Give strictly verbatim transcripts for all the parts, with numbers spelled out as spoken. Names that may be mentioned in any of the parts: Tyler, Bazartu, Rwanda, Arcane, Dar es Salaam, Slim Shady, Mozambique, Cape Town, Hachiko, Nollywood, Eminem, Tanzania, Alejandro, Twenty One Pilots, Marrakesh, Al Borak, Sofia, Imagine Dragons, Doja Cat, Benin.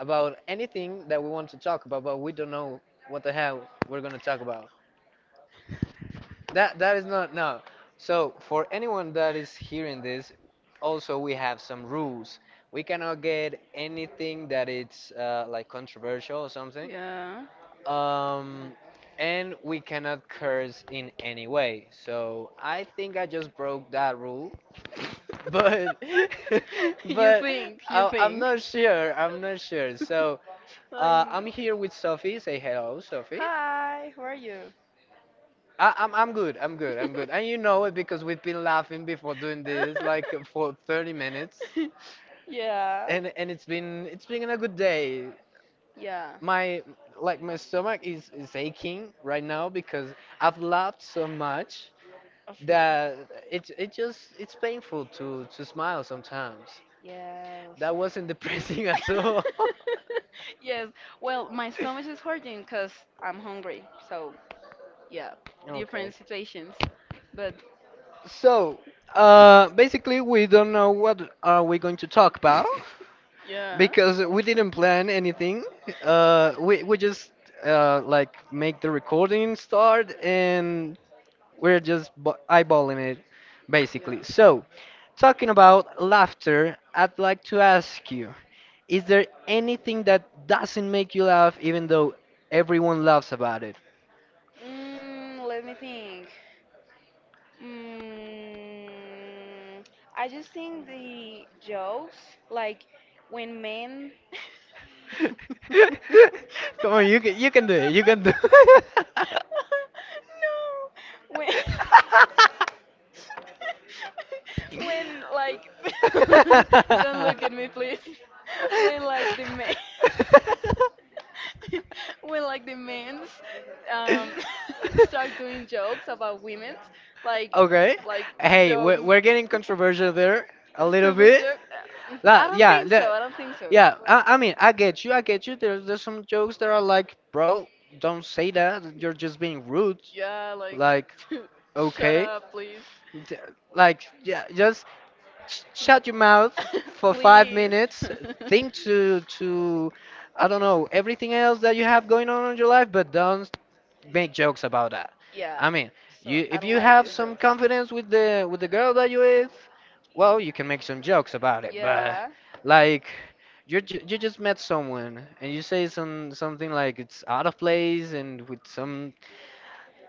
about anything that we want to talk about, but we don't know what the hell we're gonna talk about. That that is not no. So for anyone that is hearing this, also we have some rules. We cannot get anything that it's uh, like controversial or something. Yeah. Um, and we cannot curse in any way. So I think I just broke that rule. But but I, I'm Think. not sure. I'm not sure. So uh, I'm here with Sophie. Say hello, Sophie. Hi, how are you? I, I'm I'm good. I'm good. I'm good. And you know it because we've been laughing before doing this like for thirty minutes, Yeah. and and it's been it's been a good day. Yeah, My like my stomach is is aching right now because I've laughed so much of. that it it just it's painful to to smile sometimes. Yes. That wasn't depressing at all. Yes. Well, my stomach is hurting because I'm hungry. So, yeah, Okay. different situations. But, So, uh, basically, we don't know what are we going to talk about yeah, because we didn't plan anything. Uh, we we just uh, like make the recording start, and we're just bu- eyeballing it, yeah. basically. So, talking about laughter, I'd like to ask you: Is there anything that doesn't make you laugh, even though everyone laughs about it? Mm, let me think. Mm, I just think the jokes, like when men. Come on, you can you can It. do it. You can do. No, when when like don't look at me, please. When like the men when like the men's um start doing jokes about women's, like okay, Okay. like hey, Hey, jokes we're, we- we're we're getting getting controversial controversial there. there a A little little stupid bit. bit. Joke uh, Uh, La, i don't yeah, yeah, think yeah, so the, I don't think so, yeah. yeah. I, I mean, I get you. I get you. There's there's some jokes that are like, bro, don't say that. You're just being rude. Yeah, like. Like, Like, shut, okay, okay. up, please. Th- Like, yeah, just sh- shut your mouth For five, for five please, minutes minutes. Think think to, to to- to I don't know, everything else that you have going on in your life, but don't make jokes about that. yeah, I I mean, mean, so you- you I if don't, you you like have have these some some jokes kind confidence with the with the of- girl that you with, well, you can make some jokes about it. But yeah. like you ju- you just met someone and you say some something like it's out of place, and with some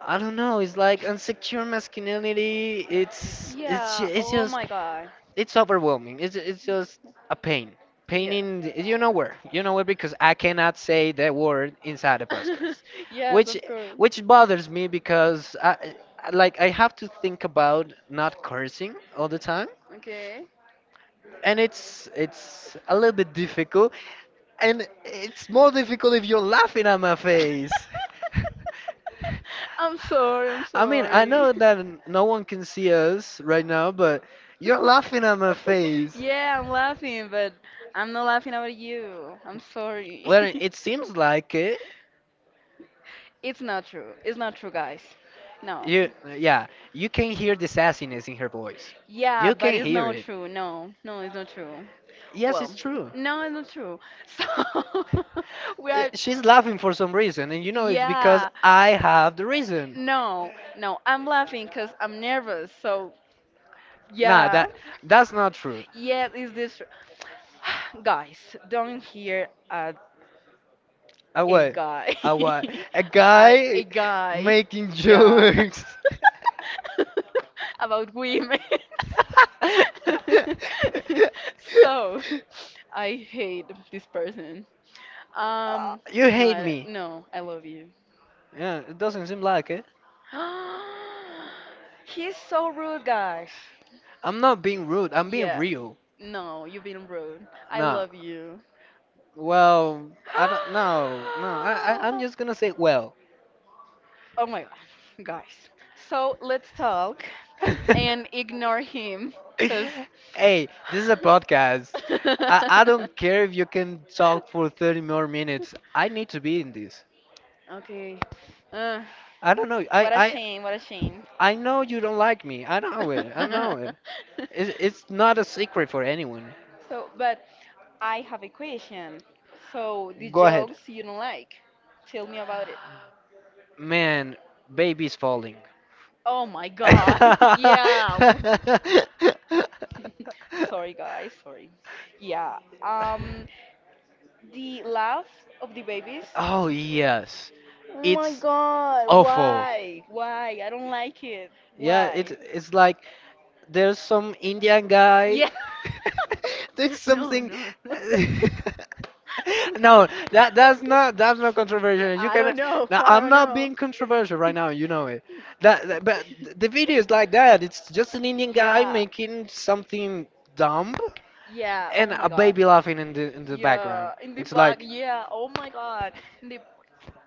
I don't know, it's like insecure masculinity. It's it's ju- it's just God. it's overwhelming. It's it's just a pain. Pain in you know where, you know where because I cannot say that word inside the podcast, Where. which Of course. which bothers me because I I- like I have to think about not cursing all the time, Okay. and it's it's a little bit difficult, and it's more difficult if you're laughing at my face. I'm sorry. I'm I mean, I I mean, know I. that n- no one can see us right now, but you're laughing at my face. Yeah, I'm laughing, but I'm not laughing about you. I'm sorry. Well, it seems like it. It's not true. It's not true, guys. No. You, yeah, you can hear the sassiness in her voice. Yeah, You but can it's hear not it. true. No, no, it's not true. Yes, it's Well, true. no, it's not true. So we Uh, are. She's laughing for some reason, and you know it's because Yeah. I have the reason. No, no, I'm laughing because I'm nervous. So Nah, yeah. that that's not true. Yes, is this guys? Don't hear a A a what? guy. A what? A I guy a guy. making Yeah. jokes. About women. So, I hate this person. Um, You no, You hate hate I don't, me. me. No, I love you. Yeah, it doesn't seem like it. He's so rude, guys. I'm not being rude. I'm being Yeah. real. No, you've been rude. I Nah. love you. Well, I don't. No, no. I, I I'm just gonna say well. Oh my god, guys. So let's talk and ignore him because Hey, this is a podcast. I, I don't care if you can talk for thirty more minutes. I need to be in this. okay. uh, I don't know. I what a I shame, what a shame. I know you don't like me. I know it. I know it. It's, it's not a secret for anyone. So but I have a question. So the Go ahead. jokes you don't like, tell me about it. Man, baby's falling. Oh my god. Yeah. Sorry guys, sorry. Yeah. um the laugh of the babies. Oh, yes. Oh my It's god, awful. why? Why? I don't like it. Yeah, Yeah, It why? it's like there's some Indian guy Yeah. doing No, something. no, no. No, No, that that's not that's not controversial. You I can. don't know. Now I I'm don't not know. being controversial right now. You know it. That, that but the video is like that. It's just an Indian guy Yeah. making something dumb Yeah. and Oh a my god. baby laughing in the in the background. Yeah. In the It's back. like, Yeah. Oh my god. In the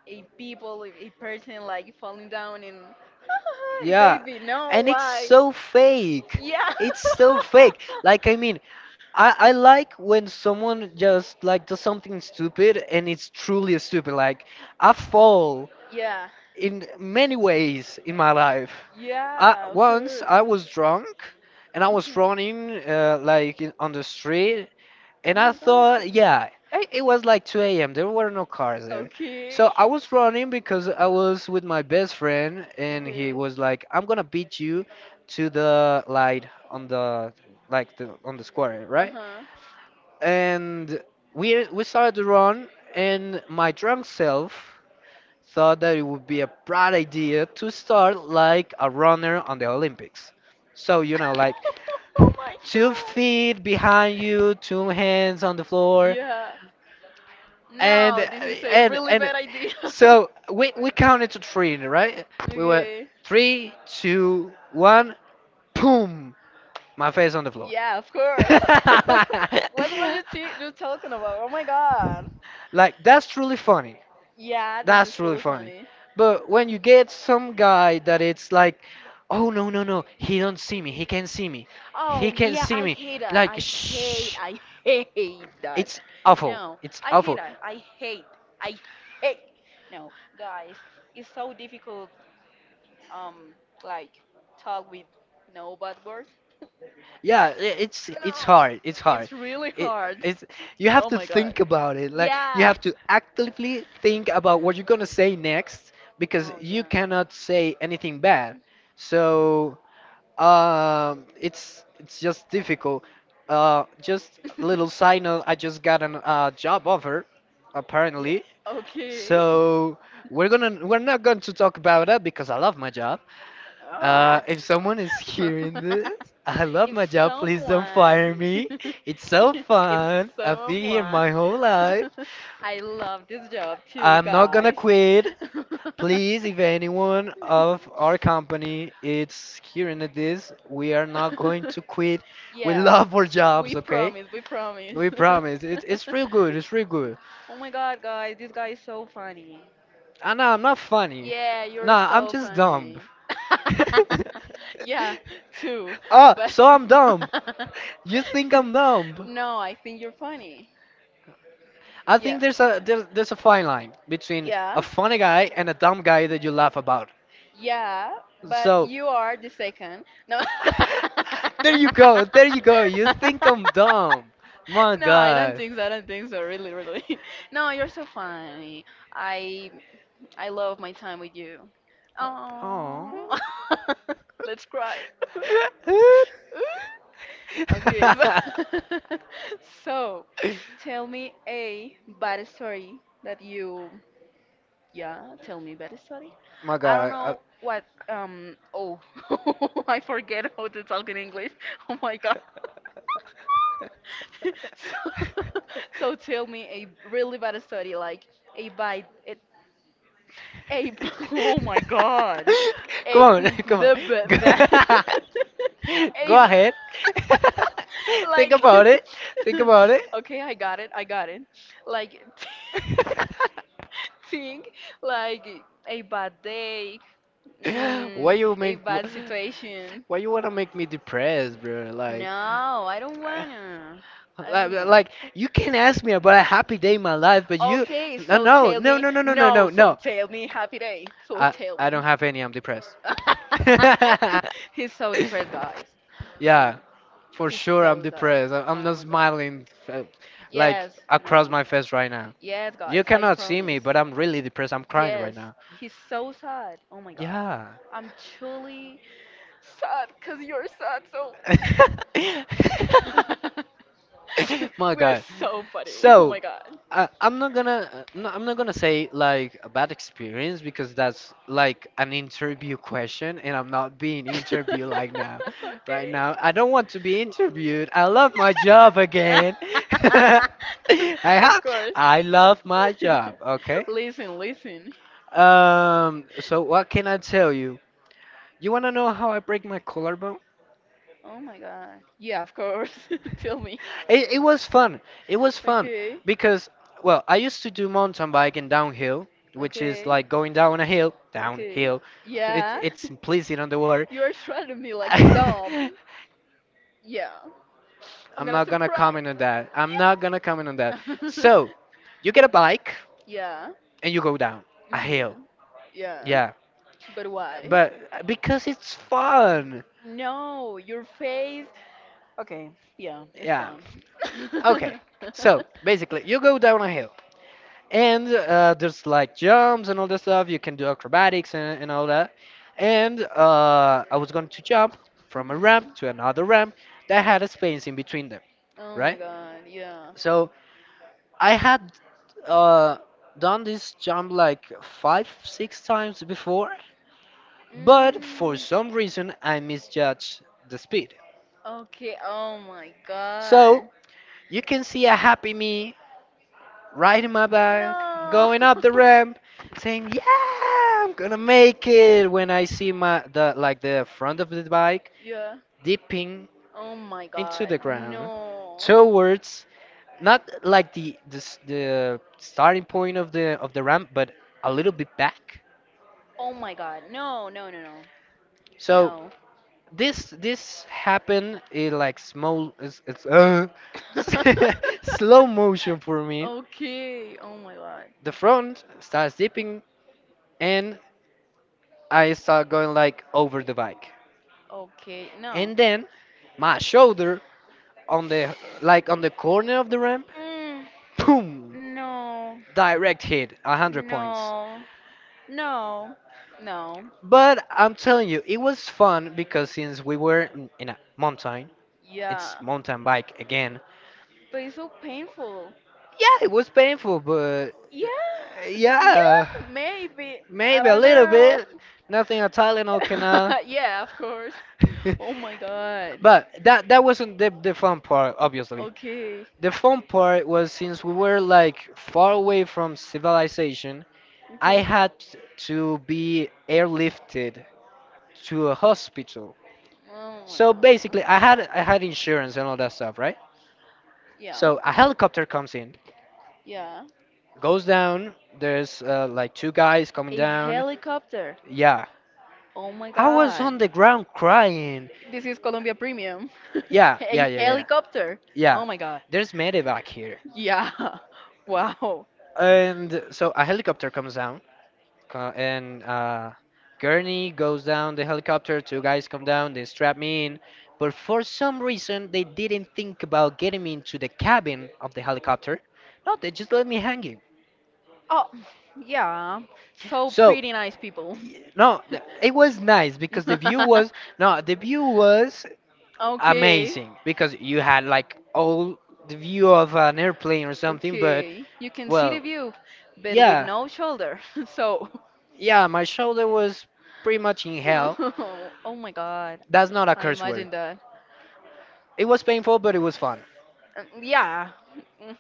a people, a person, like falling down and yeah, baby, no, and it's why? so fake. Yeah. It's so fake. Like I mean, I, I like when someone just like does something stupid and it's truly stupid. Like I fall Yeah, in many ways in my life. I, yeah, of once course. I was drunk and I was running uh, like in, on the street, Oh and I my god. thought, yeah, i- it was like two a m. There were no cars there. Okay. So I was running because I was with my best friend, and he Okay. was like, I'm gonna beat you to the light on the, like, the on the From. square, Uh right? huh. And we we started to run, and my drunk self thought that it would be a bright idea to start like a runner on the Olympics, so you know, like, Oh my two god. feet behind you, two hands on the floor, Yeah. and No, this is a and really and bad idea. so we we counted to three, right? We were Okay. three, two, one, boom, my face on the floor. Yeah, of course. What were you t- you talking about? Oh my god. Like, that's truly funny. Yeah, this That's is really really funny. funny. But when you get some guy that it's like, oh no no no, he don't see me, he can see me, Oh he can yeah, see I me. hate that. Like I hate. shh, I hate that. it's awful. No, It's I hate awful. that. I hate. I hate. No, guys, it's so difficult. Um, like, talk with no bad words. No, Yeah, i- it's it's hard. It's hard. it's really It, hard. it's you have Oh to my god. think about it. Like, you Yeah. have to actively think about what you're gonna say next because Oh you yeah. cannot say anything bad. So, Um, it's it's just difficult. Uh, just little side note, I just got an uh, job offer, Yeah. apparently. Okay. So we're gonna we're not going to talk about that because I love my job. Ah. Uh, if someone is hearing this, I love my If job. Please don't someone, fire me. It's so if fun. someone, I've been here someone, my whole life. life. I love this job too, I'm not gonna guys. quit. Please, if anyone of our company is hearing this, we are not going to We, quit. We yeah, love our we jobs, okay? promise, we promise. We promise. It, it's real good. It's real good. Oh my god, guys, this guy is so funny. Ah, no, I'm not funny. Yeah, nah, you're nah, Nah, I'm so just dumb, dumb. funny. Yeah, too. Oh, But so I'm dumb. You think I'm dumb? no, I think you're funny. I Yeah. think there's a, there's, there's a fine line between a Yeah. funny guy and a dumb guy that you laugh about. Yeah, but So you are the second. No. there you go, there you go. You think I'm dumb. My No, I don't God. think so. I don't think so. Really, really. No, you're so funny. I I love my time with you. Oh. Oh. Let's cry. Ooh. Okay, so so tell me a bad story that you, yeah, tell me bad story. My I don't God. I- know what, um, oh, I forget how to talk in English. Oh my god. So, so tell me a really bad story, like a bad, a, a, oh my god. A come on, mm, come on. blah, blah, blah. Eh, Go a ahead. Think think about like it. Think about it. okay, I got it, I got it, like think like a bad day, mm, Why you a make bad situation. why you wanna make me depressed, bro? Like No, I don't wanna, I like, don't want. like you can ask me about a happy day in my life, but you, Okay, Uh, no, so no, tell no, me no, no, no, no, no, no, so no. tell me happy day, so I tell me. I don't have any. I'm depressed. He's so depressed, guys. Um, Yeah, for he's sure I'm so sad. depressed. I- I'm Oh not my god. smiling uh, like Yes, across no. my face right now. Yes, You guys, I cannot see me, promise. but I'm really depressed. I'm crying right Yes, now. he's so sad. Oh my god. Yeah. I'm yeah truly sad because you're sad, so. My We are God. so funny. Oh So, my god. uh, I'm not gonna, uh, no, I'm not gonna say like a bad experience because that's like an interview question, and I'm not being interviewed like now. Right Okay. now, I don't want to be interviewed. I love my job again. I Of have course. I love my job. Okay. Listen, listen. Um. So what can I tell you? You wanna know how I break my collarbone? Oh my god. Yeah, of course. Tell me. It, it was fun. It was fun Okay. because, well, I used to do mountain biking downhill, Pictures. which is Okay, like pictures. going down a hill, Okay. downhill. It, Yeah. it's implicit on the word. You are treating me like a dog. Yeah. I'm I'm gonna not to gonna cry. comment on that. I'm not gonna comment on that. That. Yeah. So, you get a bike Yeah. and you go down I a hmm. hill. Yeah. Yeah, But why? but because it's fun. No, your face. Okay, yeah, it's Yeah. fun. Okay. Okay. So basically, you go down a hill, and uh, there's like jumps and all that stuff. You can do acrobatics and, and all that. And uh, I was going to jump From. from a ramp to another Mhm. ramp that had a space in between them, Oh right? my god, yeah. So But. I had uh, done this jump like five, six times before, but for some reason Mm. I misjudged the speed. Okay, oh my so So god. you can see a happy me riding my bike, No. going up the ramp, saying, "Yeah, I'm gonna make it." When I see my, the like the front of the bike Yeah. dipping Oh my into into the god, ground, no. towards not like the the, s- the starting point of the of the ramp, but a little bit back. Oh my god, no, no, no, no. So No. this this happened in, like, small it's, it's uh, slow motion for me. Okay, oh my god. The front starts dipping, and I start going like over the bike. Okay, no. And then my shoulder on the, like on the corner of the ramp, Mm. boom, No. direct hit, one hundred points. No. No. No. But I'm telling you, it was fun because since we were in in a mountain, it's Yeah. mountain bike again. But it's so painful. Yeah, it was painful, but Yeah. uh, n- yeah, Yeah. Maybe. I maybe a don't little know. bit, nothing a Tylenol can uh, Yeah, of course. Oh my god. But that that wasn't the, the fun part, obviously. Okay. The fun part was since we were like far away from civilization, I Okay. had to be airlifted to a hospital. Oh my So basically, I had god. I had insurance and all that stuff, right? Yeah. So a helicopter comes in, Yeah. goes down. There's uh, like two guys coming A down. helicopter. Yeah, Oh my I was god. on the ground crying. This is Colombia Premium. Yeah, A yeah, yeah, yeah, yeah. helicopter. Yeah. Oh my god. There's medevac here, Yeah. Wow. and so a helicopter comes down Co- and uh, Gurney goes down the helicopter. Two guys come down, they strap me in. But for some reason, they didn't think about getting me into the cabin of the helicopter. No, they just let me hanging. Oh, yeah. So So, pretty nice people. y- no, th- It was nice because the view was no, the view was Okay. amazing because you had like all the view of an airplane or something. But Okay. You can see well, the view, but with yeah, no shoulder. So. yeah, my shoulder was pretty much in hell. Oh, oh my god. That's not a I curse word. imagine that. It was painful, but it was fun. Um, Yeah. Mm,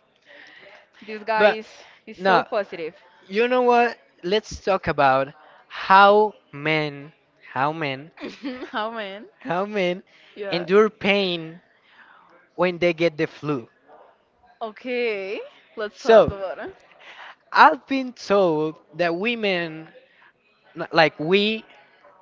this guy But is is so no, positive. you know what? Let's talk about how men, how men, How man? how men Yeah. endure pain when they get the flu. Okay, let's talk So, about it. I've been told that women, n- like we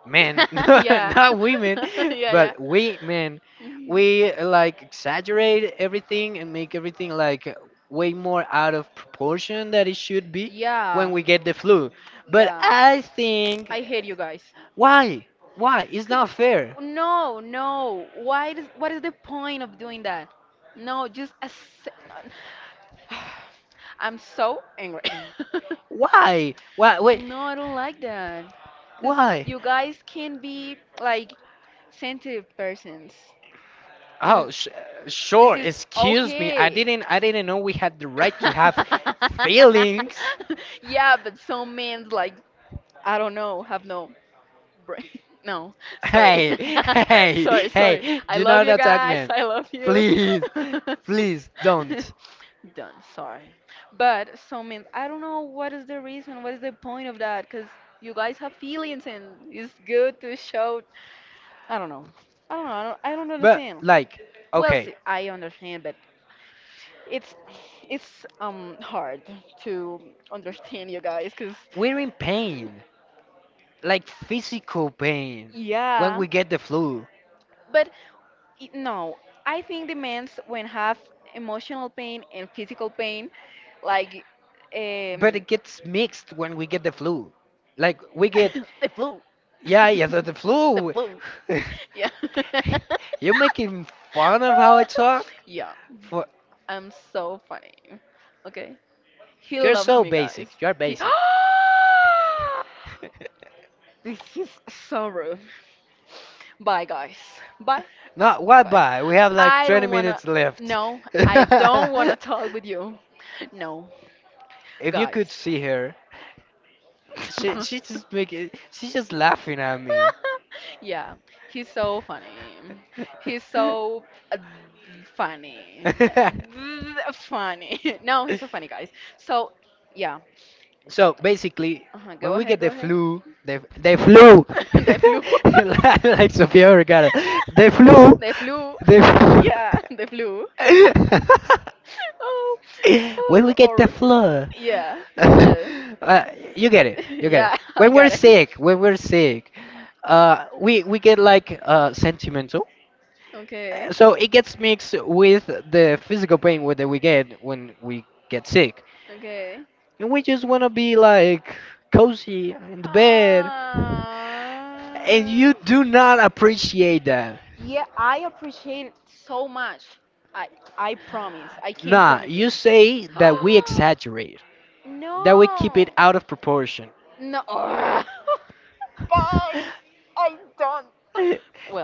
men, Yeah. not women, Yeah, yeah. but we men, Mhm. we uh, like exaggerate everything and make everything like way more out of proportion that it should be when Yeah. we get the flu. But Yeah. I think. I hate you guys. Why? Why? It's not 'Cause- fair. No, no. Why does, what is the point of doing that? No, just accept. I'm so angry. Why? Why? Wait. No, I don't like that. Because Why? you guys can be like sensitive persons. And Oh, sh- this sure. is Excuse me. I okay. didn't. I didn't know we had the right to have feelings. Yeah, but some men, like, I don't know, have no brain. No, sorry. Hey, Sorry, hey, sorry. hey! I Do love not you attack guys. me, I love you. please, please don't. Done, sorry, but so I i don't know what is the reason, what is the point of that, because you guys have feelings and it's good to show. I don't know, I don't know, i don't, I don't But understand. like, Well, okay, see I understand, but it's it's um hard to understand you guys because we're in pain, like physical pain when yeah, we get the flu. but it, no, I think the men's when have emotional pain and physical pain, like But um, it gets mixed when we get the flu. Like we get, the flu. yeah, yeah, the, the The flu. boo. Yeah. You're making fun of how I talk? Yeah, For I'm so funny. Okay, he You're loves so me, basic. guys. You're He. basic. This is so rude. Bye, guys. Bye. Not why Bye. by? We have like I twenty don't wanna. minutes left. No, I don't wanna If talk with you. No, you could guys. see her, she she just making she's just laughing at me. Yeah, he's so funny. He's so uh, funny. Funny. No, he's so funny, guys. So, yeah. So basically, Uh-huh. Go when we ahead, get go the ahead. flu, the the flu, They flew. like like Sofia Vergara, the flu, They flew. the. Yeah, they flew. Oh, When oh, we get the or flu, yeah, it's flew. uh, you get it. You get it. Yeah, I When got we're it. sick, when we're sick, uh, we we get like uh, sentimental. Uh, Okay, So it gets mixed with the physical pain wh- that we get when we get sick, okay. and we just wanna be like cozy in Uh, the bed, and you do not appreciate that. yeah, I appreciate it so much. I I promise. I can't Nah, promise you. you say that we exaggerate, that we keep it No. out of proportion. No. Ugh. Guys, I don't.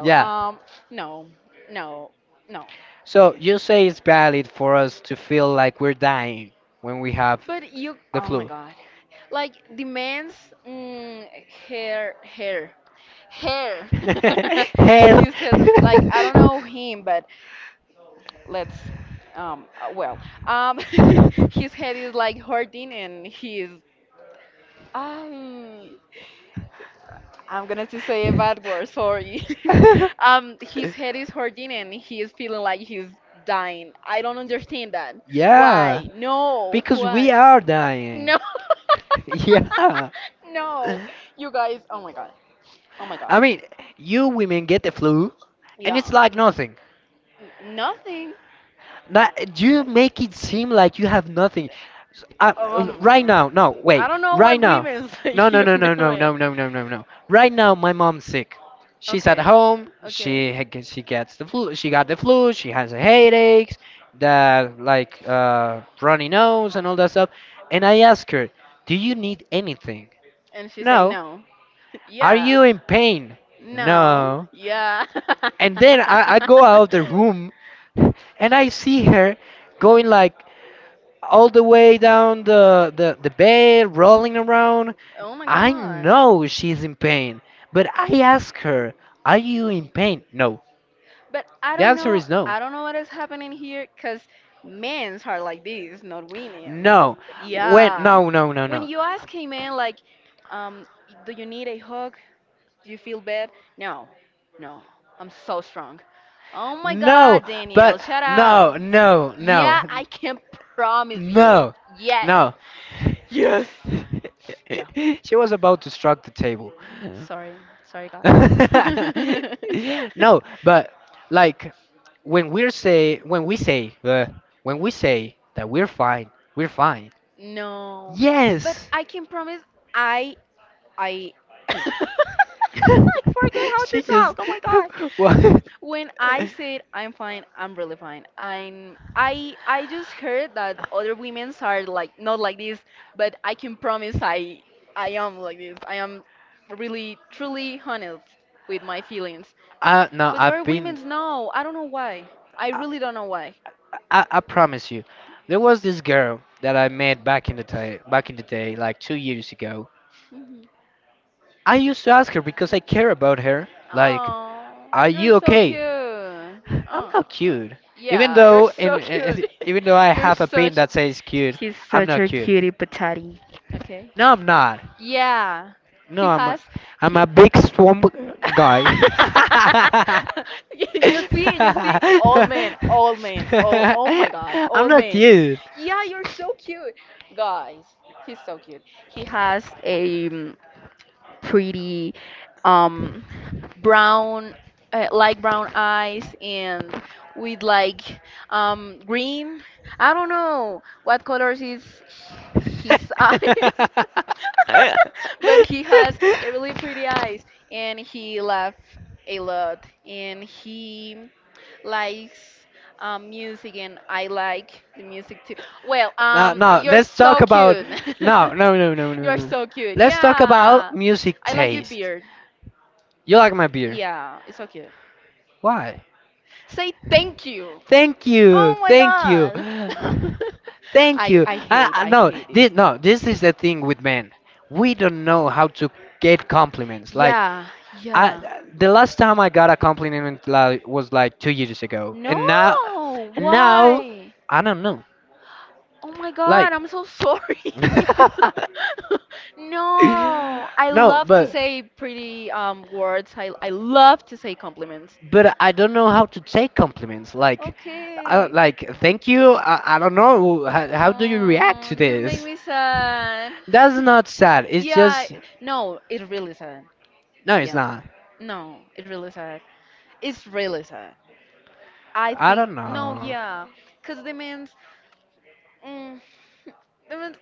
Yeah, um, no, no, no. so you say it's valid for us to feel like we're dying when we have But you, the oh my flu. god, like demands. mm, hair, hair, hair. Hair. His hair. Like I don't know him, but let's um uh, well um his head is like hurting and he's I I'm gonna to say a bad word, sorry. um his head is hurting and he is feeling like he's dying. I don't understand that. Yeah, Why, no, because we why? are dying. No. Yeah. No, you guys. Oh my god. Oh my I god. mean, you women get the flu and Yeah. it's like nothing. N- nothing. That you make it seem like you have nothing. S- Uh, oh l- my Right god, now, no, wait, I don't know right what now, women say. no, no, You no, no, know no, it. no, no, no, no, no. Right now, my mom's sick. She's at Okay. home. She Okay. Ha- g- she gets the flu. She got the flu. She has headaches, the like uh, runny nose and all that stuff. And I ask her, "Do you need anything?" And she say No. no. Are Yeah. you in pain? No. No. Yeah. And then I, I go out the room, and I see her going like all the way down the, the, the bed, rolling around. Oh my I god. know she's in pain, but I ask her, are you in pain? No. But I The don't answer know. is no. I don't know what is happening here because men's are like this, not women's. No. When, Yeah. no, no, no, When no. you ask a man, like, um, do you need a hug? Do you feel bad? No. No. I'm so strong. Oh my No, god, Daniel, but shut up. no, no, no, Yeah, I can promise you. No. no, Yes. no. Yes. Yeah. She was about to struck the table. Sorry. Sorry, guys. No. No, but like when we're say when we say uh, when we say that we're fine, we're fine. No. But Yes. I can promise I I I forget how to She just talk. Oh my god. what? When I said I'm fine, I'm really fine. I'm I I just heard that other women's are like not like this, but I can promise I I am like this. I am really truly honest with my feelings. I no, But I've other been. women's no, I don't know why. I I, really don't know why. I, I promise you, there was this girl that I met back in the day, back in the day, like two years ago. Hmm. I used to ask her because I care about her. Like, Oh, are you're you so cute. okay? I'm Oh, not cute. Even yeah, you're though, in, so cute. even though I You're have a pin such. that says cute, She's I'm such not a cute. cutie patati. Okay. No, I'm not. Yeah, he No, I'm a, has. I'm a big swamp guy. You, you see, you see, old man, old man. Oh, oh my god, I'm old not man. cute. Yeah, you're so cute, guys. He's so cute. He has a um, pretty, um, brown, uh, light brown eyes and with like um green. I don't know what colors is his eyes. But he has a really pretty eyes and he laughs a lot and he likes um, music and I like the music too. Well, No, um, no, you're let's talk so about cute. No, no, no, no, no, You're no. so cute. Let's talk about Yeah. music I like your taste. beard. You like my beer. Yeah, it's so cute. Why? Say thank you. Thank you, Oh my thank you, god. thank I you. I I, hate, I, I no, hate it. this, no, This is the thing with men. We don't know how to get compliments. Like, Yeah, yeah. I, the last time I got a compliment, like, was like two years ago, and now, No, and now, why? I don't know. Oh my god, Like, I'm so sorry. No, I no, love to but say pretty um words. I I love to say compliments. but I don't know how to take compliments. Like, I, Okay. like thank you. I, I don't know how, how do you react Oh, to this make this. me sad. That's not sad. It's Yeah, just no, it's really sad. no, it's Yeah. not. No, it's really sad. It's really sad. I I think don't no, know. yeah, cause the means. I mean,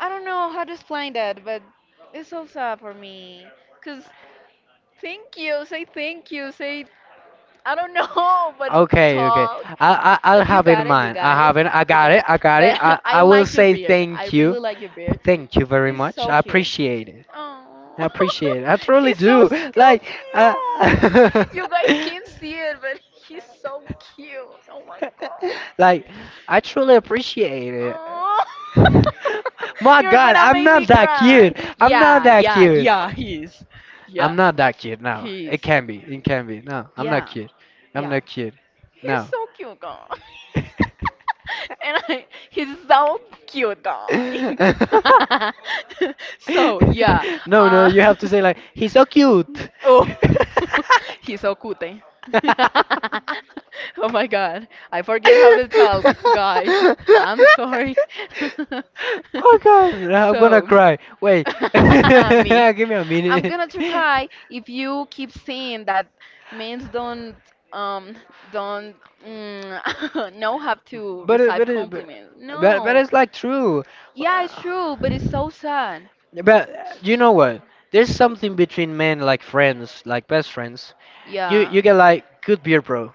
I don't know how to explain that, but it's so sad for me. Cause thank you, say thank you, say I don't know, but Okay, okay. talk. I, I I'll But you have it in got it, you mind. I got it, have it. I you got got it. it. I got it. But I, I I will like your say beard. I thank you. really like your beard. Thank you very much. So I cute. appreciate it. I Oh, appreciate it. I truly he's so do. so Like uh, cute. You guys can't see it, but he's so cute. Oh my god. like I truly appreciate Oh, it. My you're God, gonna I'm make answer me not that cry. cute. Good. I'm not Yeah, that yeah, cute. yeah, he is. I'm Yeah, not that kid. No, he it is. can be. It can be. No, I'm not Yeah, kid. I'm yeah. not kid. He's No. so cute, guy. And I, he's so cute, guy. So, yeah. No, no. Uh, You have to say like he's so cute. oh, he's so cute. Eh? Oh Oh my God. I forget how to talk, guys. I'm sorry. God, I'm gonna So. cry. Wait, Me. give me a I'm minute. gonna to But cry if you keep saying that men don't um don't mm, know how it, to but receive it, but, compliments. but but No. it's like true. Yeah, it's true, but it's so sad. But uh, You know what? There's something between men like friends, like best friends. You Yeah. you get like good beer, bro.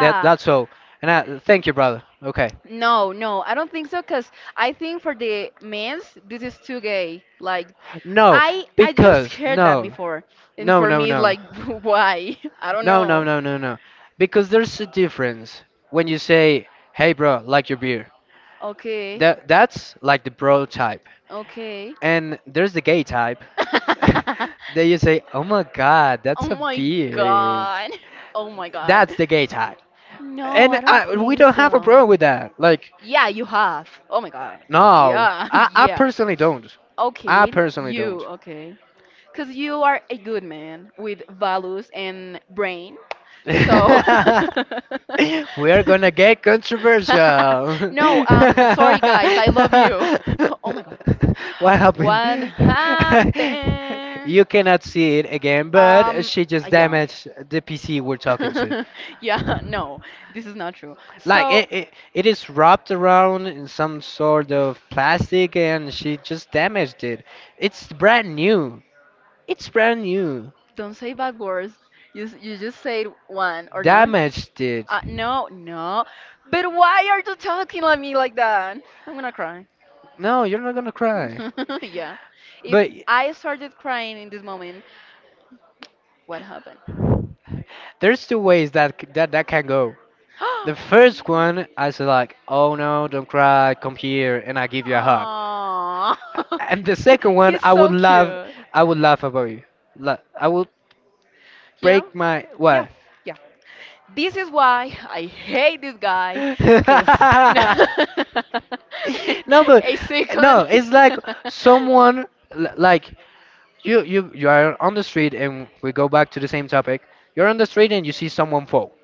That that's all. And I, thank you, brother. Okay. No, no, I don't think so. Cause I think for the men's, this is too gay. Like, No, I I just because heard that no, before, and no, for no, me, it's no, like, why? I don't no, no, know. no, no, no. Because there's a difference when you say, "Hey, bro, like your beer." Okay. That that's like the bro type, Okay. and there's the gay type. That you say, "Oh my God, that's oh a my beer." god. Oh my god. That's the gay type. No, And I don't I, We think don't have a so. problem with that. Like, Yeah, you have. Oh my god. no, Yeah, I, I yeah. personally don't. I Okay, personally you, don't. okay. Because you are a good man with values and brain. So. We are gonna get controversial. No, um, sorry guys, I love you. Oh my god. What happened? What happened? You cannot see it again, but Um, she just yeah. damaged the P C we're talking to. Yeah, no, this is not true. Like So it, it, it is wrapped around in some sort of plastic, and she just damaged it. It's brand new. It's brand new, don't say bad words. You s- you just say one or not. damaged it. Uh, no, no. But why are you talking at me like that? I'm gonna cry. No, you're not gonna cry. Yeah. If But I started crying in this moment, what happened? there's two ways that c- that that can go. The first one, I say like, "Oh no, don't cry, come here," and I give you a hug. Aww. And the second one, He's I would so laugh, cute. I would laugh about you. La- I would You know? break my Yeah. what? Yeah. This is why I hate this guy, cause no, No, but a no, second. it's like someone l- like you you you are on the street, and we go back to the same topic. You're on the street and you see someone fall.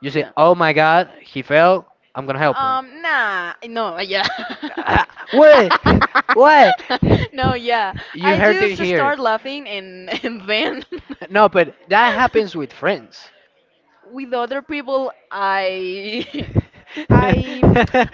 You say, yeah. "Oh my God, he fell. I'm gonna help him." Um, nah, no, yeah. Ah, what? What? No, yeah. You I heard it just here. start laughing and and then No, but that happens with friends. with other people I I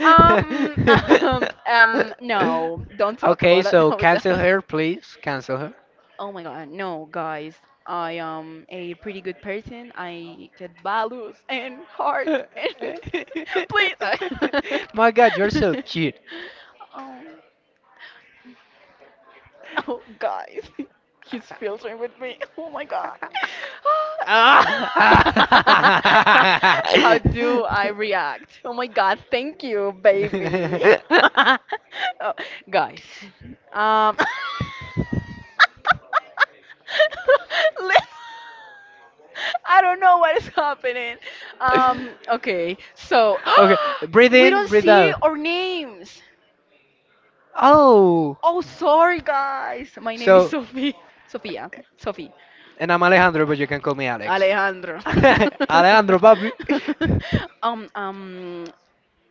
um um um no, don't talk Okay, about it. so No, cancel that. her, please. Cancel Oh my god, no, guys. I am a pretty good person. I get values and heart her. and please. My God, you're so cute. Oh. Oh, guys, he's filtering with me. Oh my god. Ah. How do I react? Oh my god, thank you, baby. Oh, guys, um, li- I don't know what is happening. Um, okay, so Okay, breathe we in, don't breathe see out. our names. Oh, Oh, sorry, guys. My name is so, Sophie. Sofia. Sophie. and I'm Alejandro, but you can call me Alex. Alejandro. Alejandro, papi. um, um,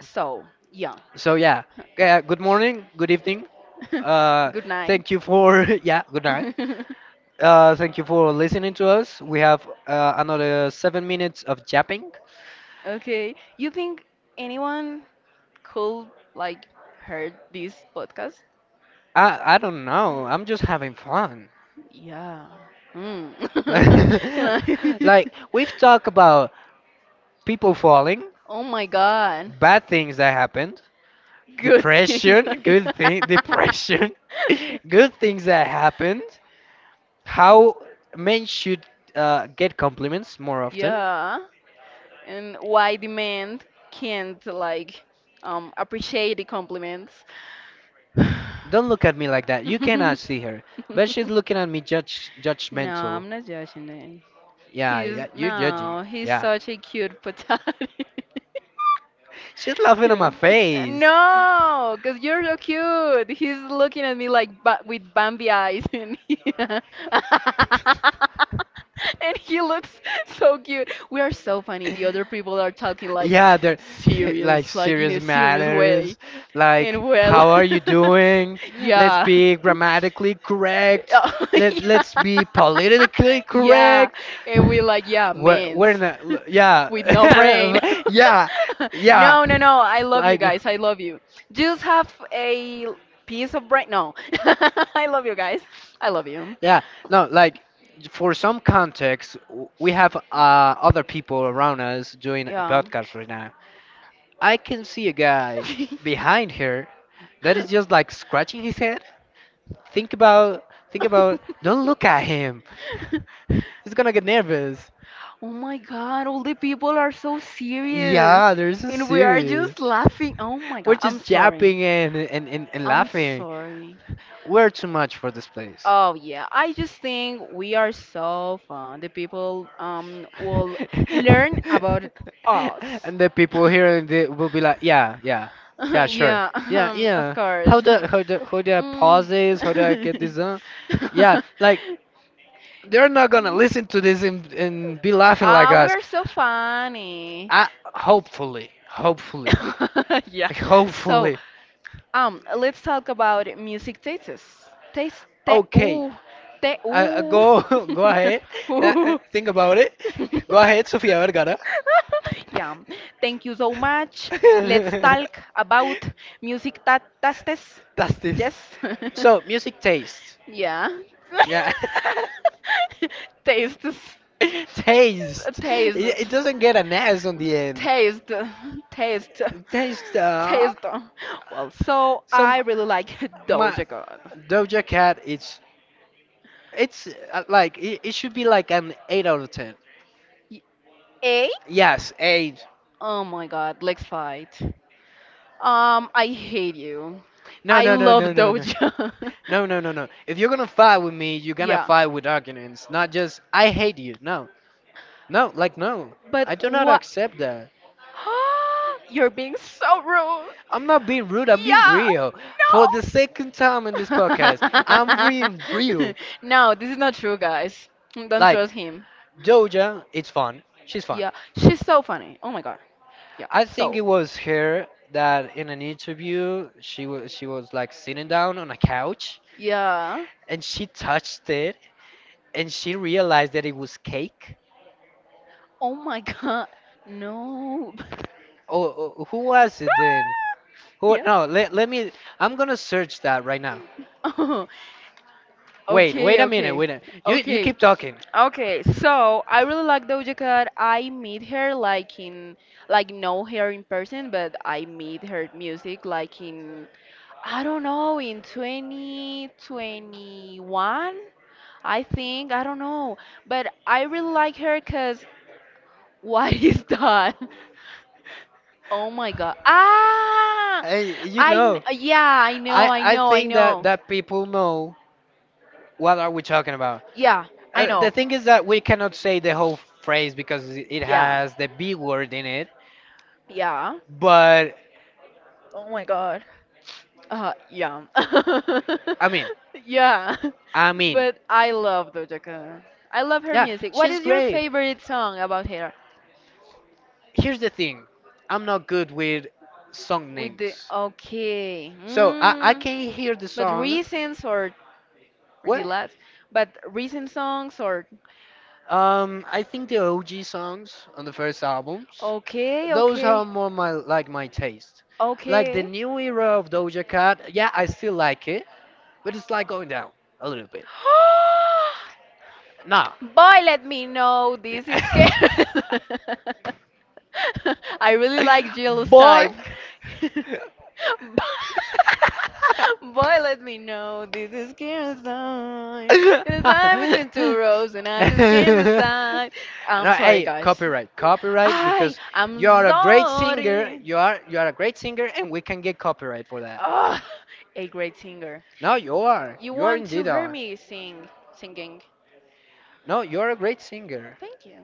so, yeah. So, yeah, yeah, good morning, good evening. Uh, Good night. Thank you for, yeah, good night. Uh, thank you for listening to us. We have uh, another seven minutes of yapping. Okay. You think anyone could, like, heard this podcast? I, I don't know, I'm just having fun. Yeah. Mm. And I- Like, we've talked about people falling, oh my god. bad things that happened, Good things. depression, good thing. Depression, good things that happened. How men should uh, get compliments more often. Yeah. And why the man can't like um, appreciate the compliments. No, Don't look at me like that. You cannot see her, but she's looking at me judge judgmental. I'm not judging him. Yeah, He's yeah, you're judging. no, he's Yeah, such a cute potato. she's laughing at my Yeah. Uh, face. no, because you're so cute. He's looking at me like ba with Bambi eyes, and he, and he looks so cute. We are so funny. The other people are talking like, Yeah, they're like serious, like in serious a serious matters. way. Like, And well, how are you doing? Let's yeah. be grammatically correct. Oh, Let yeah. let's be politically Yeah, correct. and we like, yeah, We're mans we're not. l- Yeah, with no brain. yeah, yeah. No, no, no. I love you Like, guys. I love you. Just have a piece of brain. No. I love you guys. I love you. yeah, no, like for some context, w- we have uh, other people around us doing a Yeah. podcast right now. I can see a guy behind her that is just like scratching his head. Think about, think about, don't look at him. He's gonna get nervous. Oh my God, all the people are so serious Yeah, there's a and we are series. just laughing. Oh my We're God, I'm just sorry. yapping and, and, and, and I'm laughing. sorry. We're too much for this place. Oh yeah, I just think we are so fun. The people um will learn about us. And the people here in the, will be like, yeah, yeah, yeah, sure. Yeah, Yeah, um, of yeah. course. How do how do how do I pause Mm. this? How do I get this done? Yeah, like they're not gonna listen to this and, and be laughing like Ah, us. we're so funny. I Hopefully, hopefully. Yeah. So, Hopefully. um, let's talk about music tastes. Taste, te, Okay. ooh, te, Uh, uh, ooh. go go ahead. Uh, uh, Ooh. Think about it. Go ahead, Sofia Vergara. Yeah. Thank you so much. Let's talk about music ta tastes. That's this. Yes. So, music taste. Yeah. Yeah. Tastes. Taste. Taste It, it doesn't get an S on the end. taste taste Taste. Uh, taste well so some I really like my Doja Cat. Doja Cat. It's it's uh, Like it, it should be like an eight out of ten. Y- a Yes, eight. oh my god, let's fight. um I hate you. No, I no, no, love no, no, no. Doja. No, no, no, no. If you're gonna fight with me, you're gonna Yeah, fight with arguments, not just I hate you. No, no, like no. but I do not what? accept that. You're being so rude. I'm not being rude. I'm being Yeah, real. For the second time in no. this podcast, I'm being real. No, this is not true, guys. Don't Like trust him. Doja, it's fun. She's fun. Yeah, she's so funny. Oh my god. Yeah, I think so. it was her that in an interview she was she was like sitting down on a couch Yeah. and she touched it and she realized that it was cake. Oh my god. No. Oh, oh, who was it then? Who? Yeah. No. Let, let me. I'm gonna search that right now. Oh, Wait. Wait okay, a minute. okay, Wait. A, you you okay, keep talking. okay. So I really like Doja Cat. I meet her like in, like know her in person, but I meet her music like in I don't know, in twenty twenty-one, I think, I don't know. But I really like her because what is that? Oh my God. Ah! I, you I, kn- know. yeah, I know, I I I know, I think that know. that people know what are we talking about. Yeah, I Uh, the know. thing is that we cannot say the whole phrase because it it Yeah. has the B word in it. Yeah. But Oh my God. Uh, yeah. I mean, Yeah. I mean, But I love Doja Cat. I love her yeah, music. What she's is your great. favorite song about her? Here's the thing, I'm not good with song With the names. okay. So I I Mm. can hear the But song. recent or or the What? last? But recent songs or Um, I think the O G songs on the first albums, okay, those are okay. more my like my taste. Like the Okay. new era of Doja Cat, yeah, I still like it, but it's like going down a little bit. Nah. Boy, let me know. This is scary. I really like Jill's Boy. type. Boy, let me know this is Kira's sign. It's time between two rows, and I just can't decide. I'm No, sorry, hey, guys. copyright, copyright, I because am you are a great singer. sorry. You are you are a great singer, and we can get copyright for that. Oh, a great singer. No, you are. You You are want to indeed hear are. me sing, singing? No, you're a great Oh, singer. thank you.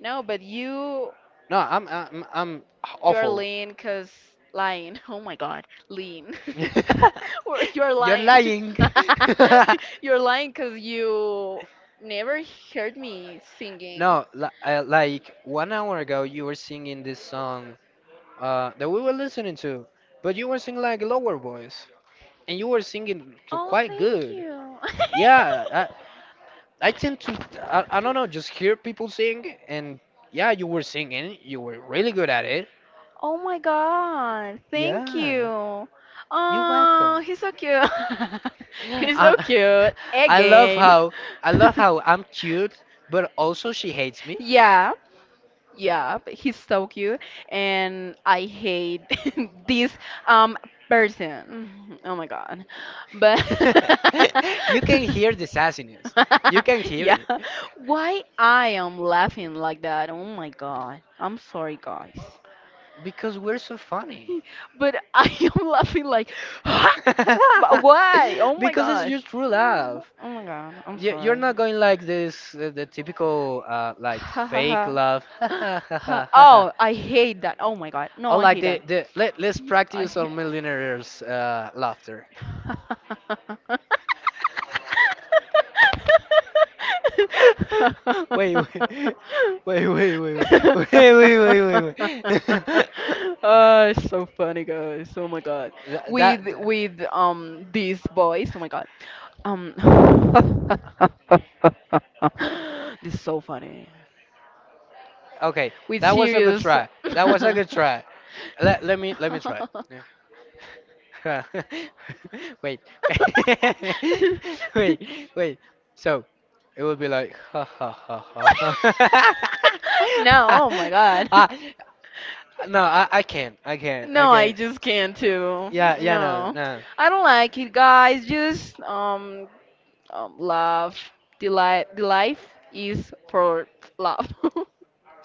No, but you No, I'm I'm I'm you're awful. lean because lying. Oh my god, lean. Or you're You're lying. lying. You're lying because you never heard me singing. No, li- uh, like one hour ago, you were singing this song uh, that we were listening to, but you were singing like a lower voice, and you were singing c- Oh, quite thank good. you. Yeah, I, I tend to I, I don't know, just hear people sing, and yeah, you were singing, you were really good at it. Oh my god, thank Yeah, you. you were. Oh, he's so cute. He's so Uh, cute. I love Again. how I love how I'm cute, but also she hates me. Yeah. Yeah, but he's so cute, and I hate this um person. Oh my God. But You can hear the sassiness. You can hear yeah, it why I am laughing like that? Oh my God. I'm sorry, guys. because we're so funny. But I am laughing like, "Huh? But why? Oh my Because it's God. your true love. Oh my God. I'm You- You're sorry. not going like this, uh, the typical uh, like Ha ha fake ha. love, or Ha- Oh, I hate that. Oh my God. No, I like hate that. the the let let's Mm, I practice hate. on millionaires uh, laughter. Wait, wait, wait, wait, wait, wait, wait, wait, wait, wait. Oh, it's so funny, guys. Oh my God. That, With that, th- with um these boys. Oh my God. Um. This is so funny. okay, With that was a good serious. try. That was a good try. Let, let me, let me try. Yeah. Wait, wait, wait. So, it would be like, ha ha ha no, ha. oh my god. Ah, no, I, I can't, I can't, I No, I can't. just can't too. Yeah, yeah, no, No. no. I don't like it, guys. Just um um, love, the, li- the life is for love.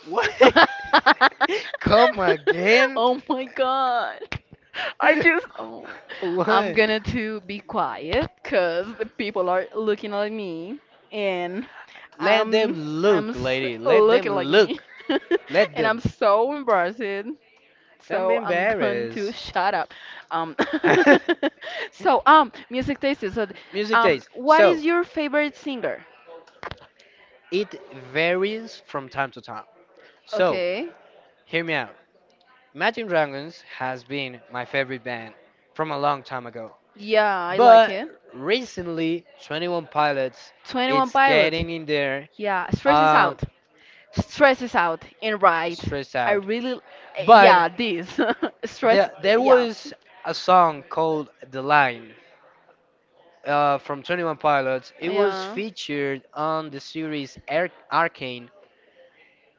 What? Come again? Oh my god. I just, oh. I'm What? gonna to be quiet because the people are looking at me and Let them I'm I'm look, s- lady. Let them looking like me look. Let and I'm them. so embarrassed. Don't be So I'm going to embarrassed. shut up. Um, so um, music taste. So, Music um, taste. what So, is your favorite singer? it varies from time to time. So, Okay. hear me out. Imagine Dragons has been my favorite band from a long time ago. Yeah, I like But it. recently, twenty-one Pilots, twenty-one it's Pilots. getting in there, Yeah, Stress is um, Out. Stress is Out and Right. stressed I out. really, But yeah, this. Stress, there, there yeah. was a song called The Line uh, from twenty-one Pilots. It was Yeah. featured on the series Ar- Arcane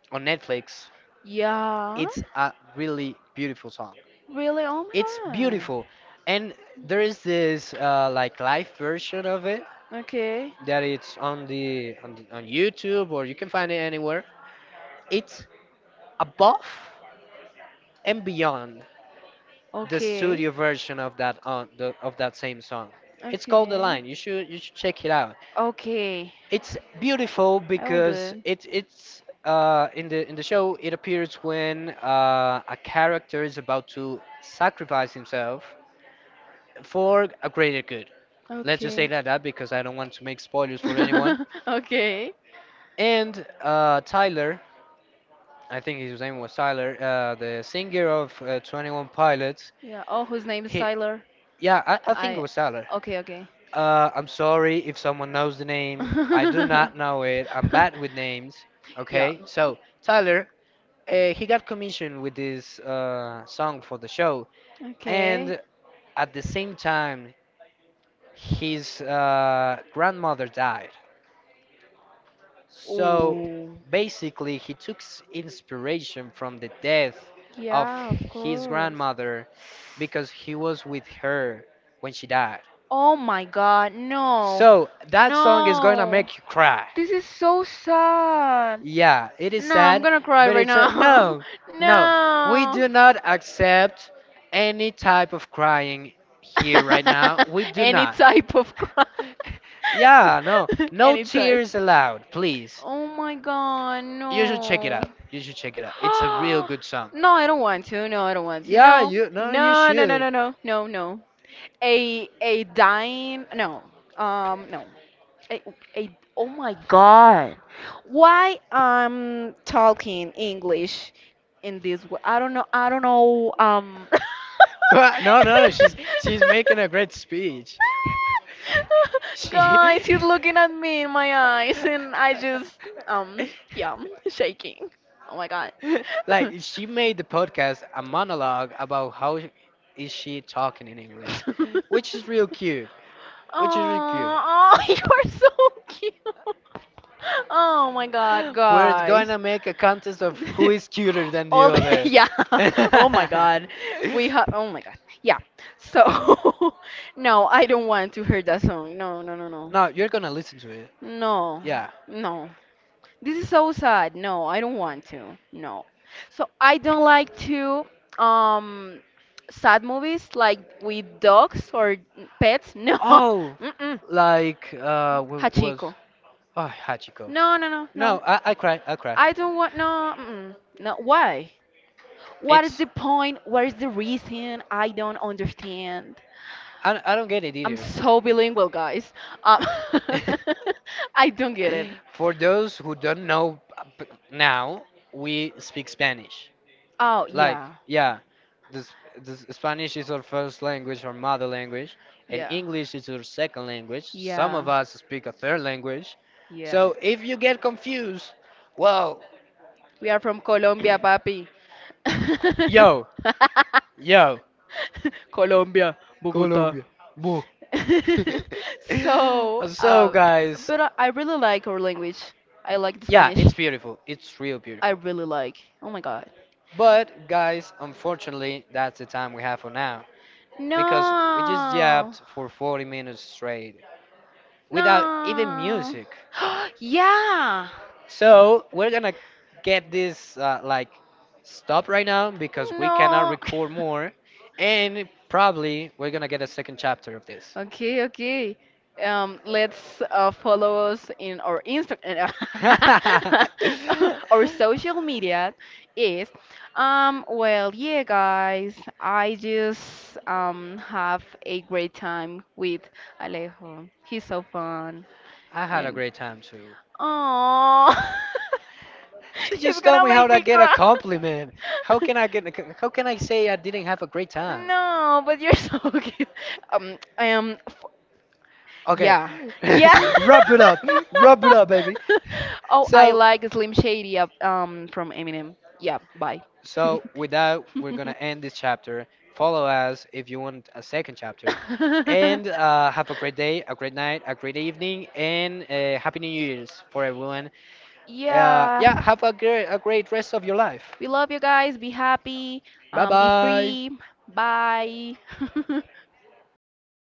on Netflix. Yeah. It's a really beautiful song. Really? Oh my It's god. beautiful, and there is this uh, like live version of it Okay. that it's on the on, the, on YouTube, or you can find it anywhere. It's above and beyond the Okay. studio version of that on the, of that same song. It's called The Okay. Line. You should you should check it out. Okay. It's beautiful I will do because it. it it's uh, in the in the show it appears when uh, a character is about to sacrifice himself for a greater good. Let's just say Okay. like that uh, because I don't want to make spoilers for anyone. Okay. And uh, Tyler, I think his name was Tyler, uh, the singer of uh, Twenty One Pilots. Yeah. Oh, whose name is He, Tyler? yeah, I, I think it I. was Tyler. Okay, okay. Uh, I'm sorry if someone knows the name. I do not know it. I'm bad with names. Yeah. Okay, so Tyler. Uh, he got commissioned with this uh, song for the show, and Okay. at the same time, his uh, grandmother died. So Ooh. basically, he took s- inspiration from the death of Yeah, of his course. grandmother because he was with her when she died. Oh my God, no. So that song is gonna No. make you cry. This is so sad. Yeah, it is No, I'm sad, gonna cry but right it's a now. no, no. We do not accept No. any type of crying here right now. We do Any not. type of crime. Yeah, no. No Any type. tears allowed, please. Oh my god, You should check it no. out. You should check it out. It's a real good song. No, I don't want to. No, I don't want to. Yeah, No. you no, you No, no, no, should. no, no. No, no. A a dying no. Um no. A, a oh my god. Why I'm talking English in this way? I don't know. I don't know um Go a- No, no, no. She's she's making a great speech. she guys, he's looking at me in my eyes, and I just, um, yeah, shaking. Oh my god. like she made the podcast a monologue about how sh- is she talking in English, which is real cute. Which is real cute. Oh, you are so cute. Oh my god, We're guys. gonna make a contest of who is cuter than All the the, other. yeah. Oh my god. We have oh my god. Yeah. So no, I don't want to hear that song. No, no, no, no. No, you're gonna listen to it. No, Yeah. no. This is so sad. No, I don't want to. No. So I don't like to um sad movies like with dogs or pets. No. Oh, Mm-mm. like uh, what was Hachiko. oh Hachiko? No, no, no, no. No, I I cry. I cry. I don't want no. Mm-mm. No. Why? What is It's the point? What is the reason? I don't understand. I I don't get it I'm either. so bilingual, guys. Um, I don't get it. For those who don't know uh, p- now, we speak Spanish. Oh, Like, yeah. yeah, the, s- the s- Spanish is our first language, our mother language, and Yeah. English is our second language. Some Yeah. of us speak a third language. So if you get confused, well, We are from Colombia, papi. yo, yo, Colombia. Colombia, boo. So, So, uh, guys, but I, I really like our language. I like the yeah, Spanish. it's beautiful. It's real I beautiful. really like. Oh my god. But, guys, unfortunately, that's the time we have for now, because we just No. yapped for forty minutes straight without even No. music. Yeah. So we're gonna get this uh, like stop right now because we cannot No. record more, and probably we're gonna get a second chapter of this. Okay, okay. Um, let's uh, follow us in our Instagram. I Our social media is. Um, well, yeah, guys. I just um have a great time with Alejo. He's so fun, had a and great time too. oh, She he's just told gonna me how make to me get a cry. compliment. How can I get? How can I say I didn't have a great time? No, but you're so cute. Um, I am Okay, yeah. Yeah. wrap it up, wrap it up, baby. Oh, I So like Slim Shady uh, um from Eminem. Yeah, bye. So, with that, we're going to end this chapter. Follow us if you want a second chapter. And uh, have a great day, a great night, a great evening, and uh, Happy New Year's for everyone. Uh, Yeah. Yeah, have a great, a great rest of your life. We love you guys. Be happy. Bye Um, be bye. free. Bye.